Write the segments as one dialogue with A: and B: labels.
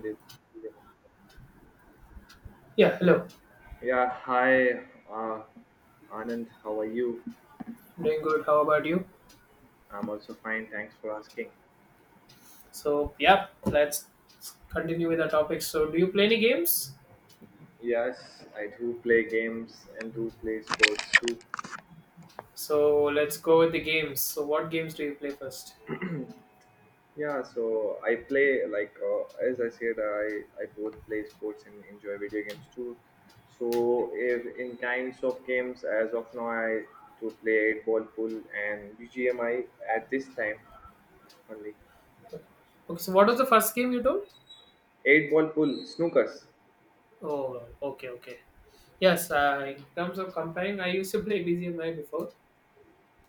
A: This-
B: Yeah, hello.
A: Yeah, hi, uh, Anand. How are you?
B: I'm doing good. How about you?
A: I'm also fine. Thanks for asking.
B: So, yeah, let's continue with our topic. So, do you play any games?
A: Yes, I do play games and do play sports too.
B: So, let's go with the games. So, what games do you play first?
A: Yeah, so I play like as I said, I both play sports and enjoy video games too. So if in kinds of games, as of now, I to play eight ball pool and BGMI at this time only.
B: Okay, so what was the first game you told?
A: Eight ball pool, snookers.
B: Oh, okay, okay. Yes, in terms of comparing, I used to play BGMI before.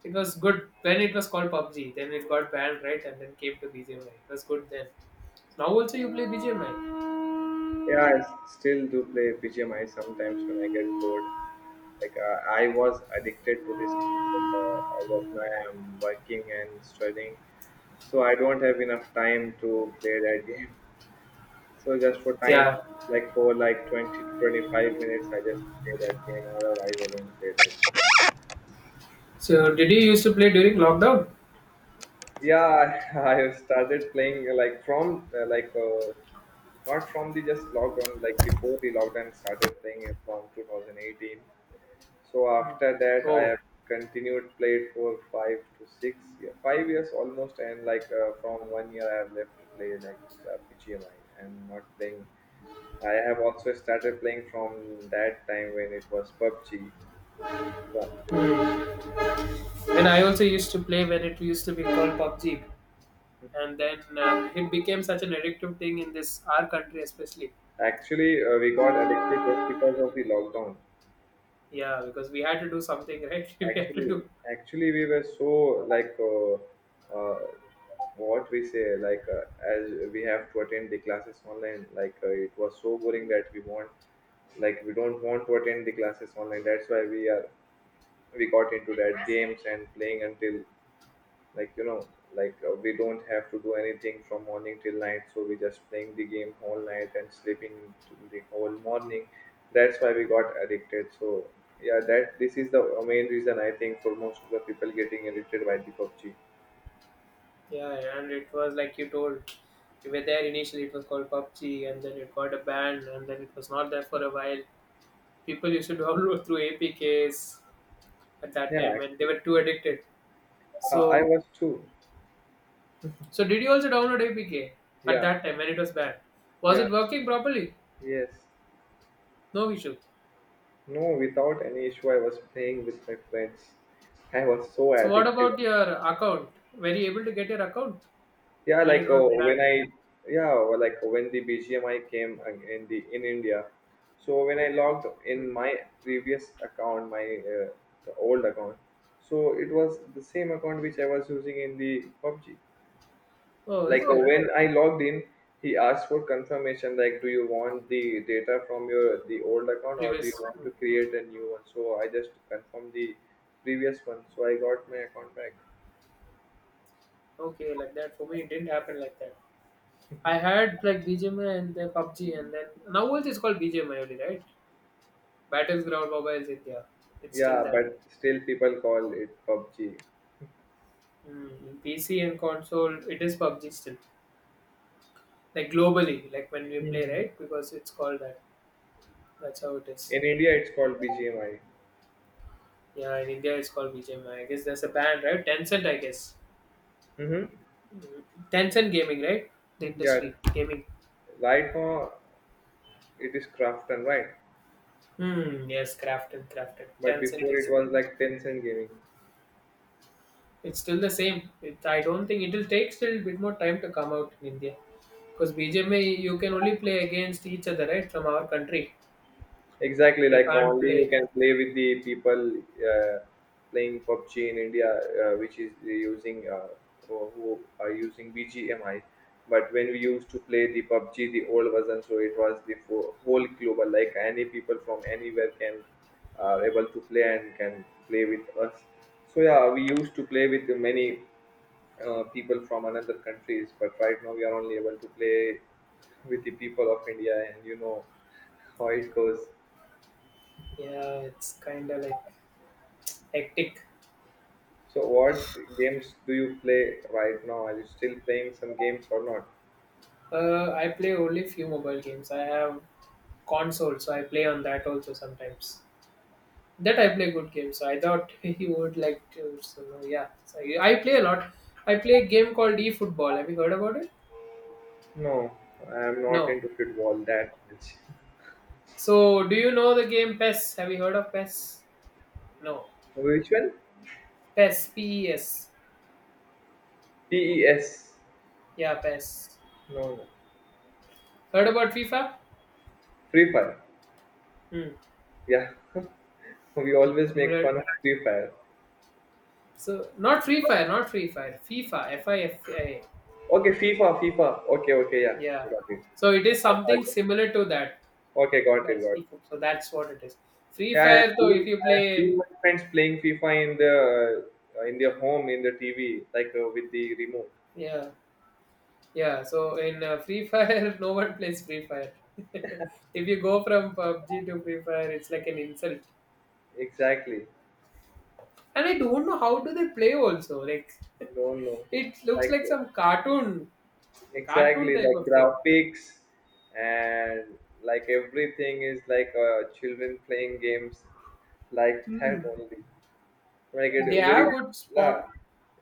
B: It was good when it was called PUBG. Then it got banned, right? And then came to BGMI. It was good then. Now also you play BGMI.
A: Yeah, I still do play BGMI sometimes when I get bored. Like, I was addicted to this. But, as of now, I'm working and studying, so I don't have enough time to play that game. So just for time,
B: Yeah.
A: like for like 20 to 25 minutes, I just play that game. Otherwise, I don't play that.
B: So, did you used to play during lockdown?
A: Yeah, I have started playing like from like not from the just lockdown, like before the lockdown started playing it from 2018. So
B: Hmm.
A: after that, I
B: Oh.
A: have continued played for 5 to 6 year, 5 years almost, and like from one year, I have left to play like the PGMI and not playing. I have also started playing from that time when it was PUBG. Yeah.
B: Hmm. And I also used to play when it used to be called PUBG, and then it became such an addictive thing in this our country, especially.
A: Actually, we got addicted just because of the lockdown.
B: Yeah, because we had to do something, right? We had to
A: Actually,
B: do.
A: actually, we were so like uh, what we say like as we have to attend the classes online. Like it was so boring
B: Mm.
A: that we want, like, we don't want to attend the classes online. That's why we got into that games and playing until, like, like, we don't have to do anything from morning till night, so we just playing the game all night and sleeping till the whole morning. That's why we got addicted, so yeah, that this is the main reason I think for most of the people getting addicted by the PUBG.
B: Yeah, and it was like you told, we were there initially. It was called PUBG, and then it got a ban, and then it was not there for a while. People used to download through APKs at that
A: Yeah,
B: time, and they
A: actually,
B: were too addicted. So,
A: I was too.
B: so did you also download APK at
A: Yeah,
B: that time when it was banned? Was
A: yeah,
B: it working properly?
A: yes.
B: No issue.
A: No, without any issue, I was playing with my friends. I was so
B: So what
A: addicted.
B: about your account? Were you able to get your account
A: Yeah,
B: when it
A: like
B: got
A: when
B: banned?
A: I, yeah, or like when the BGMI came in India. So when I logged
B: Hmm.
A: in my previous account, my the old account, so it was the same account which I was using in the PUBG.
B: Oh, is
A: Like
B: it
A: when I logged in, he asked for confirmation, like, do you want the data from your the old account or do you
B: previous?
A: want
B: Hmm.
A: to create a new one? So I just confirmed the previous one, so I got my account back.
B: Okay, like that. For me, it didn't happen like that. I had like BGMI and the PUBG, and then now also it's called BGMI only, right? Battleground Mobiles India. It's still
A: Yeah,
B: that.
A: but still people call it PUBG.
B: Hmm. PC and console, it is PUBG still. Like globally, like when we play,
A: Mhm.
B: right? Because it's called that. That's how it is.
A: In India it's called BGMI.
B: Yeah, in India it's called BGMI. Guess there's a ban, right? Tencent, I guess.
A: Mm-hmm.
B: Tencent Gaming, right? The
A: Yeah,
B: industry gaming.
A: right now it is crafton, right?
B: Hmm. Yes, crafted, crafted.
A: But
B: Tencent
A: before it
B: is.
A: was like Tencent gaming.
B: It's still the same. It, I don't think it'll take still a bit more time to come out in India because BGMI you can only play against each other, right? From our country,
A: Exactly,
B: we
A: like
B: can't
A: only you
B: play.
A: can play with the people uh, playing PUBG in India, which is using who are using BGMI. But when we used to play the PUBG, the old version, so it was the whole global, like any people from anywhere can are able to play and can play with us. So yeah, we used to play with many people from another countries, but right now we are only able to play with the people of India, and you know how it goes.
B: Yeah, it's kind of like hectic.
A: So, what games do you play right now? Are you still playing some games or not?
B: I play only few mobile games. I have console, so I play on that also sometimes. That I play good games. So I thought he would like to. So no, yeah. So I play a lot. I play a game called eFootball. Have you heard about it?
A: No, I'm not
B: No.
A: into football that much.
B: So do you know the game PES? Have you heard of PES? No.
A: Which one?
B: PES. PES.
A: PES.
B: Yeah, PES.
A: No, no.
B: Heard about FIFA?
A: Free Fire.
B: Hmm.
A: Yeah, we
B: Hmm.
A: always make
B: Similar.
A: fun of Free Fire.
B: So not Free Fire. Not Free Fire. FIFA. FIFA.
A: Okay, FIFA, FIFA. Okay, okay, yeah,
B: Yeah.
A: got it.
B: So it is something similar to that.
A: Okay, got it,
B: PES.
A: got it.
B: eFootball. So that's what it is. Free
A: Yeah, I have
B: Fire. Though, if
A: seen,
B: you
A: I have seen
B: play,
A: my friends playing FIFA in their home in the TV, like with the remote.
B: yeah. Yeah, so in Free Fire, no one plays Free Fire. If you go from PUBG to Free Fire, it's like an insult.
A: Exactly.
B: And I don't know how do they play also. Like,
A: No, no.
B: it looks
A: Like,
B: like some cartoon, cartoon
A: exactly,
B: type
A: like
B: of thing.
A: graphics. And like everything is like children playing games, like
B: Hmm.
A: that only, like it
B: They
A: very
B: have good
A: la,
B: spawn.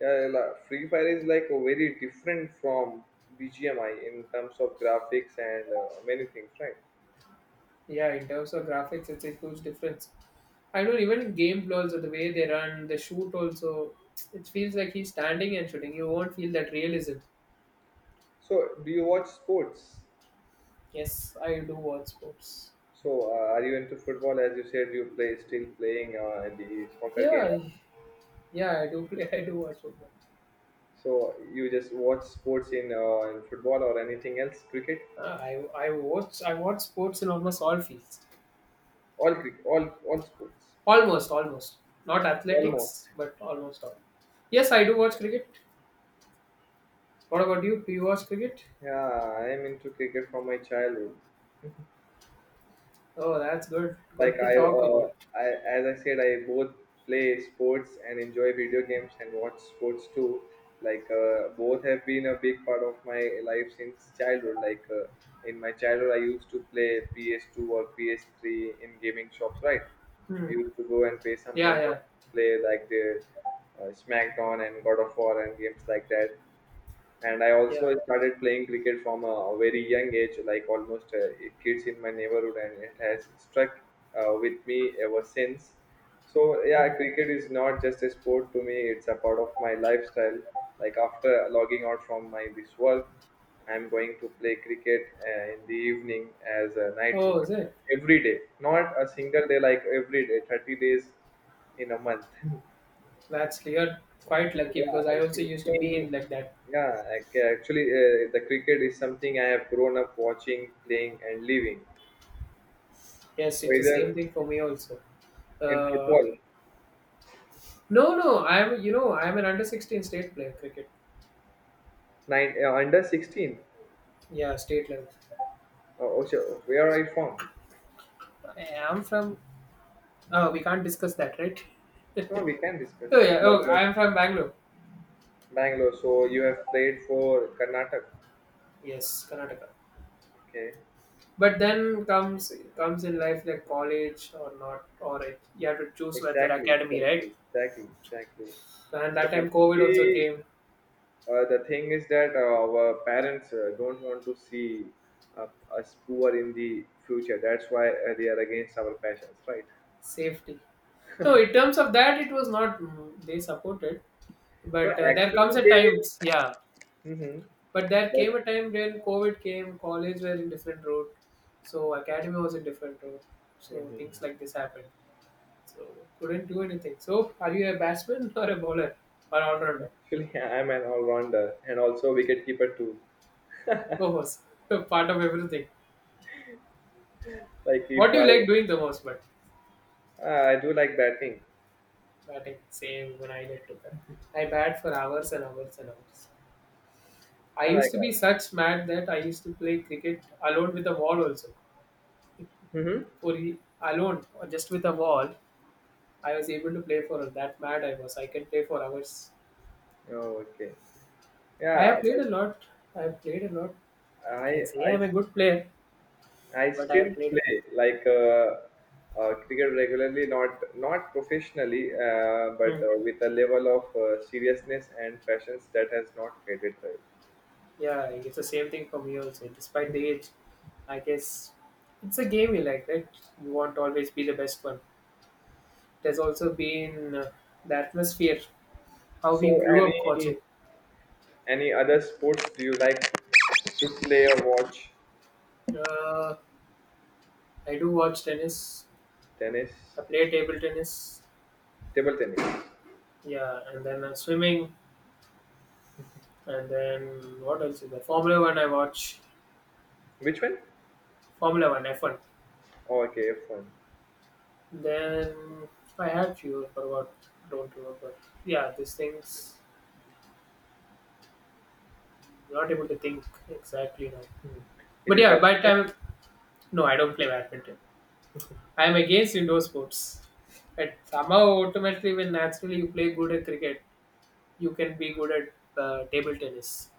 A: yeah, la. Free fire is like a very different from BGMI in terms of graphics and many things, right?
B: Yeah, in terms of graphics, it's a huge difference. I know even in gameplay also the way they run, the shoot also, it feels like he's standing and shooting. You won't feel that realism.
A: So do you watch sports?
B: Yes, I do watch sports.
A: So are you into football, as you said you play still playing the soccer game?
B: Yeah, yeah, I do play. I do watch football.
A: So you just watch sports in football or anything else, cricket?
B: Uh, I I watch sports in almost all fields.
A: All cricket, all sports,
B: Almost, almost. Not athletics,
A: almost.
B: but almost all. Yes,
A: Oh.
B: I do watch cricket. What about you? Do you watch cricket?
A: Yeah, I am into cricket from my childhood.
B: Oh, that's good. Good
A: Like
B: to talk
A: uh,
B: about.
A: I as I said, I both play sports and enjoy video games and watch sports too. Like, both have been a big part of my life since childhood. Like, in my childhood, I used to play PS2 or PS3 in gaming shops, right?
B: Hmm.
A: We used to go and pay some
B: Yeah,
A: money,
B: yeah,
A: play like the SmackDown and God of War and games like that. And I
B: yeah.
A: also started playing cricket from a very young age, like almost kids in my neighborhood, and it has struck with me ever since. So yeah, cricket is not just a sport to me, it's a part of my lifestyle. Like after logging out from my this work, I'm going to play cricket in the evening as a night
B: Oh, is
A: tournament
B: it?
A: every day. Not a single day, like every day, 30 days in a month.
B: That's you're quite lucky
A: Yeah,
B: because I
A: and
B: also used to be
A: something.
B: in like that.
A: Yeah, actually, the cricket is something I have grown up watching, playing, and living.
B: Yes, it's the same
A: Whether
B: thing for me also.
A: in
B: Uh,
A: football,
B: no, no. I'm you know I'm an under 16 state player cricket.
A: nine under 16.
B: Yeah, state level.
A: Oh, so where are you from?
B: I am from Oh, we can't discuss that, right?
A: No, we can discuss
B: Oh yeah.
A: that.
B: Oh,
A: Bangalore.
B: I am from Bangalore.
A: Bangalore. So you have played for Karnataka.
B: Yes, Karnataka.
A: Okay.
B: But then comes in life like college or not, or it, you have to choose whether
A: Exactly.
B: academy, right?
A: Exactly. Exactly. Exactly.
B: And
A: But
B: that time COVID also
A: actually,
B: came.
A: The thing is that our parents don't want to see uh, us poor in the future. That's why, they are against our passions, right?
B: Safety. So in terms of that, it was not they supported,
A: No,
B: but there comes
A: actually,
B: a time,
A: they.
B: yeah.
A: Hmm.
B: But there came
A: But.
B: a time when COVID came, college were in different road, so academy was a different road, so
A: Hmm.
B: things like this happened. So couldn't do anything. So are you a batsman or a bowler or all rounder?
A: Actually, I'm an all-rounder and also wicket-keeper too.
B: Go first. Part of everything.
A: Like
B: What
A: if
B: do you
A: I,
B: like doing the most? But
A: I do like batting.
B: batting. Same when I like to bat. I bat for hours and hours and hours. I
A: I
B: used
A: like.
B: to be such mad that I used to play cricket alone with a wall also.
A: Mm-hmm.
B: Alone or just with a wall, I was able to play for that mad I was. I can play for hours.
A: Oh, okay.
B: I
A: Yeah,
B: have played
A: like,
B: a lot. I have played a lot. I can
A: I
B: say I'm
A: I
B: a good player,
A: I
B: but I have
A: still
B: played.
A: play like cricket regularly, not professionally,
B: Hmm.
A: but with a level of seriousness and passion that has not faded. Right.
B: Yeah, it's the same thing for me also. Despite the age, I guess it's a game you like, right? You want to always be the best one. There's also been the atmosphere, how we
A: So,
B: grew up watching.
A: any other sports do you like to play or watch?
B: Uh, I do watch tennis.
A: Tennis,
B: I play table tennis.
A: table tennis.
B: Yeah, and then swimming. And then what else is there? Formula One. I watch
A: Which one?
B: Formula One F1.
A: Oh, okay, F one.
B: Then I had few, but what? Don't remember. Yeah, these things. Not able to think exactly now.
A: Is
B: But
A: it
B: yeah, by the
A: badminton?
B: time. No, I don't play badminton. I am against indoor sports. But somehow, automatically, when naturally you play good at cricket, you can be good at table tennis.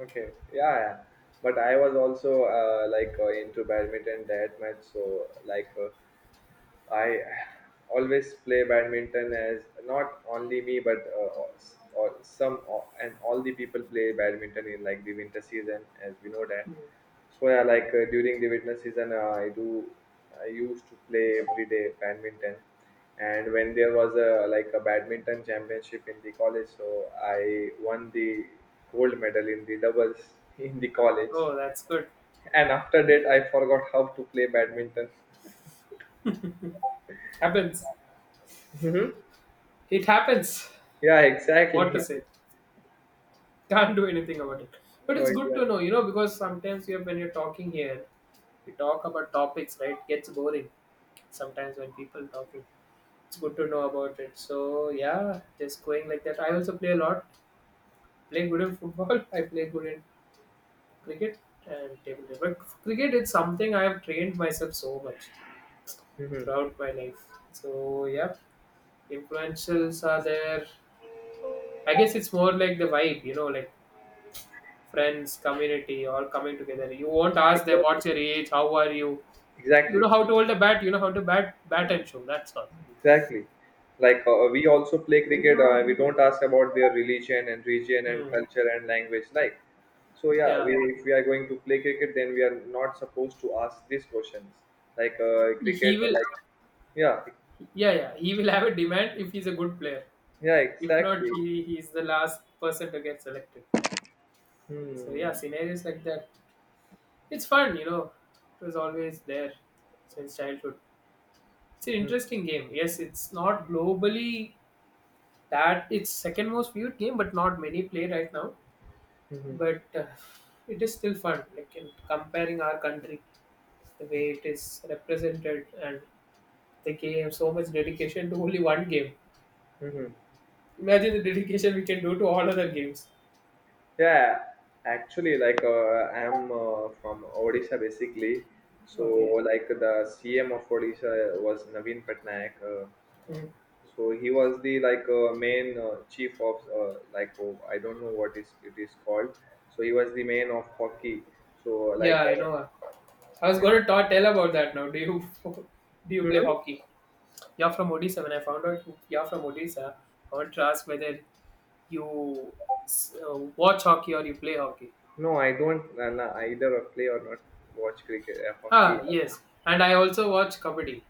A: Okay, yeah, yeah. But I was also like into badminton that much, so like I always play badminton, as not only me but s- or some and all the people play badminton in like the winter season, as we know that.
B: Mm.
A: So yeah, like during the winter season, I used to play every day badminton, and when there was a like a badminton championship in the college, so I won the gold medal in the doubles in the college,
B: Oh, that's good.
A: and after that I forgot how to play badminton.
B: Happens.
A: Hmm.
B: It happens.
A: Yeah,
B: What to
A: exactly.
B: say? Can't do anything about it. But
A: Oh,
B: it's good
A: exactly.
B: to know, because sometimes you have, when you're talking here, you talk about topics, right? Gets boring sometimes when people talking. It's good to know about it. So yeah, just going like that. I also play a lot. Play good in football. I play good in cricket and table tennis. But cricket is something I have trained myself so much
A: Mhm.
B: throughout my life. So yeah, influentials are there. I guess it's more like the vibe, like friends, community, all coming together. You won't ask them
A: Exactly.
B: what's your age, how are you. You know
A: Exactly.
B: how to hold a bat. You know how to bat, bat and show. That's all.
A: Exactly. Like, we also play cricket. We don't ask about their religion and region and
B: Hmm.
A: culture and language. Like so, yeah.
B: Yeah,
A: We, if we are going to play cricket, then we are not supposed to ask these questions. Like,
B: he
A: cricket.
B: will.
A: Like, yeah.
B: Yeah, yeah, he will have a demand if he's a good player.
A: Yeah.
B: If not,
A: Exactly.
B: he's the last person to get selected. So yeah,
A: Hmm.
B: scenarios like that. It's fun. It was always there since childhood. It's an
A: Hmm.
B: interesting game. Yes, it's not globally that it's second most viewed game, but not many play right now.
A: Hmm. Hmm.
B: But it is still fun. Like in comparing our country, the way it is represented, and the game, so much dedication to only one game.
A: Hmm.
B: Imagine the dedication we can do to all other games.
A: Yeah, actually, like I'm from Odisha basically. So,
B: Okay.
A: like the CM of Odisha was Naveen Patnaik. Uh,
B: Mm.
A: so he was the, like, main chief of like, oh, I don't know what is it is called. So he was the main of hockey. So
B: Yeah,
A: like
B: I know. I was
A: I.
B: going to tell about that now. Do you do you play
A: Hmm?
B: hockey? You're from Odisha. When I found out you're from Odisha, I want to ask whether you watch hockey or you play hockey.
A: No, I don't no, either play or not watch cricket hockey.
B: Ah, yes. And I also watch kabaddi,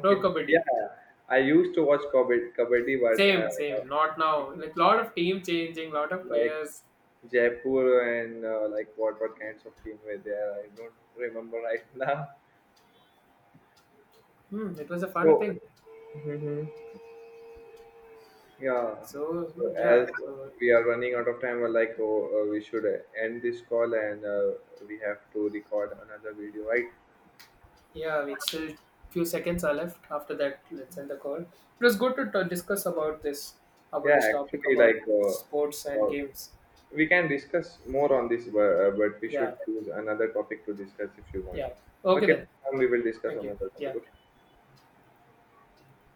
B: pro kabaddi.
A: yeah, I used to watch kabaddi, kabaddi, but
B: Same, same. Not now. Like lot of team changing, lot of
A: like
B: players.
A: Jaipur and, like, what kinds of team were there? I don't remember right now.
B: Hmm, it was a fun
A: So
B: thing.
A: hmm yeah.
B: So
A: So
B: yeah,
A: as we are running out of time, we're like, oh, we should end this call and, we have to record another video, right?
B: we still few seconds are left. After that, let's end the call. It was good to discuss about this, about
A: Yeah,
B: this topic
A: actually,
B: about
A: like
B: sports and games.
A: we can discuss more on this, but we
B: Yeah,
A: should choose another topic to discuss if you want.
B: yeah. Okay
A: Okay,
B: then.
A: we will discuss
B: Thank you.
A: another topic.
B: Yeah.
A: Okay.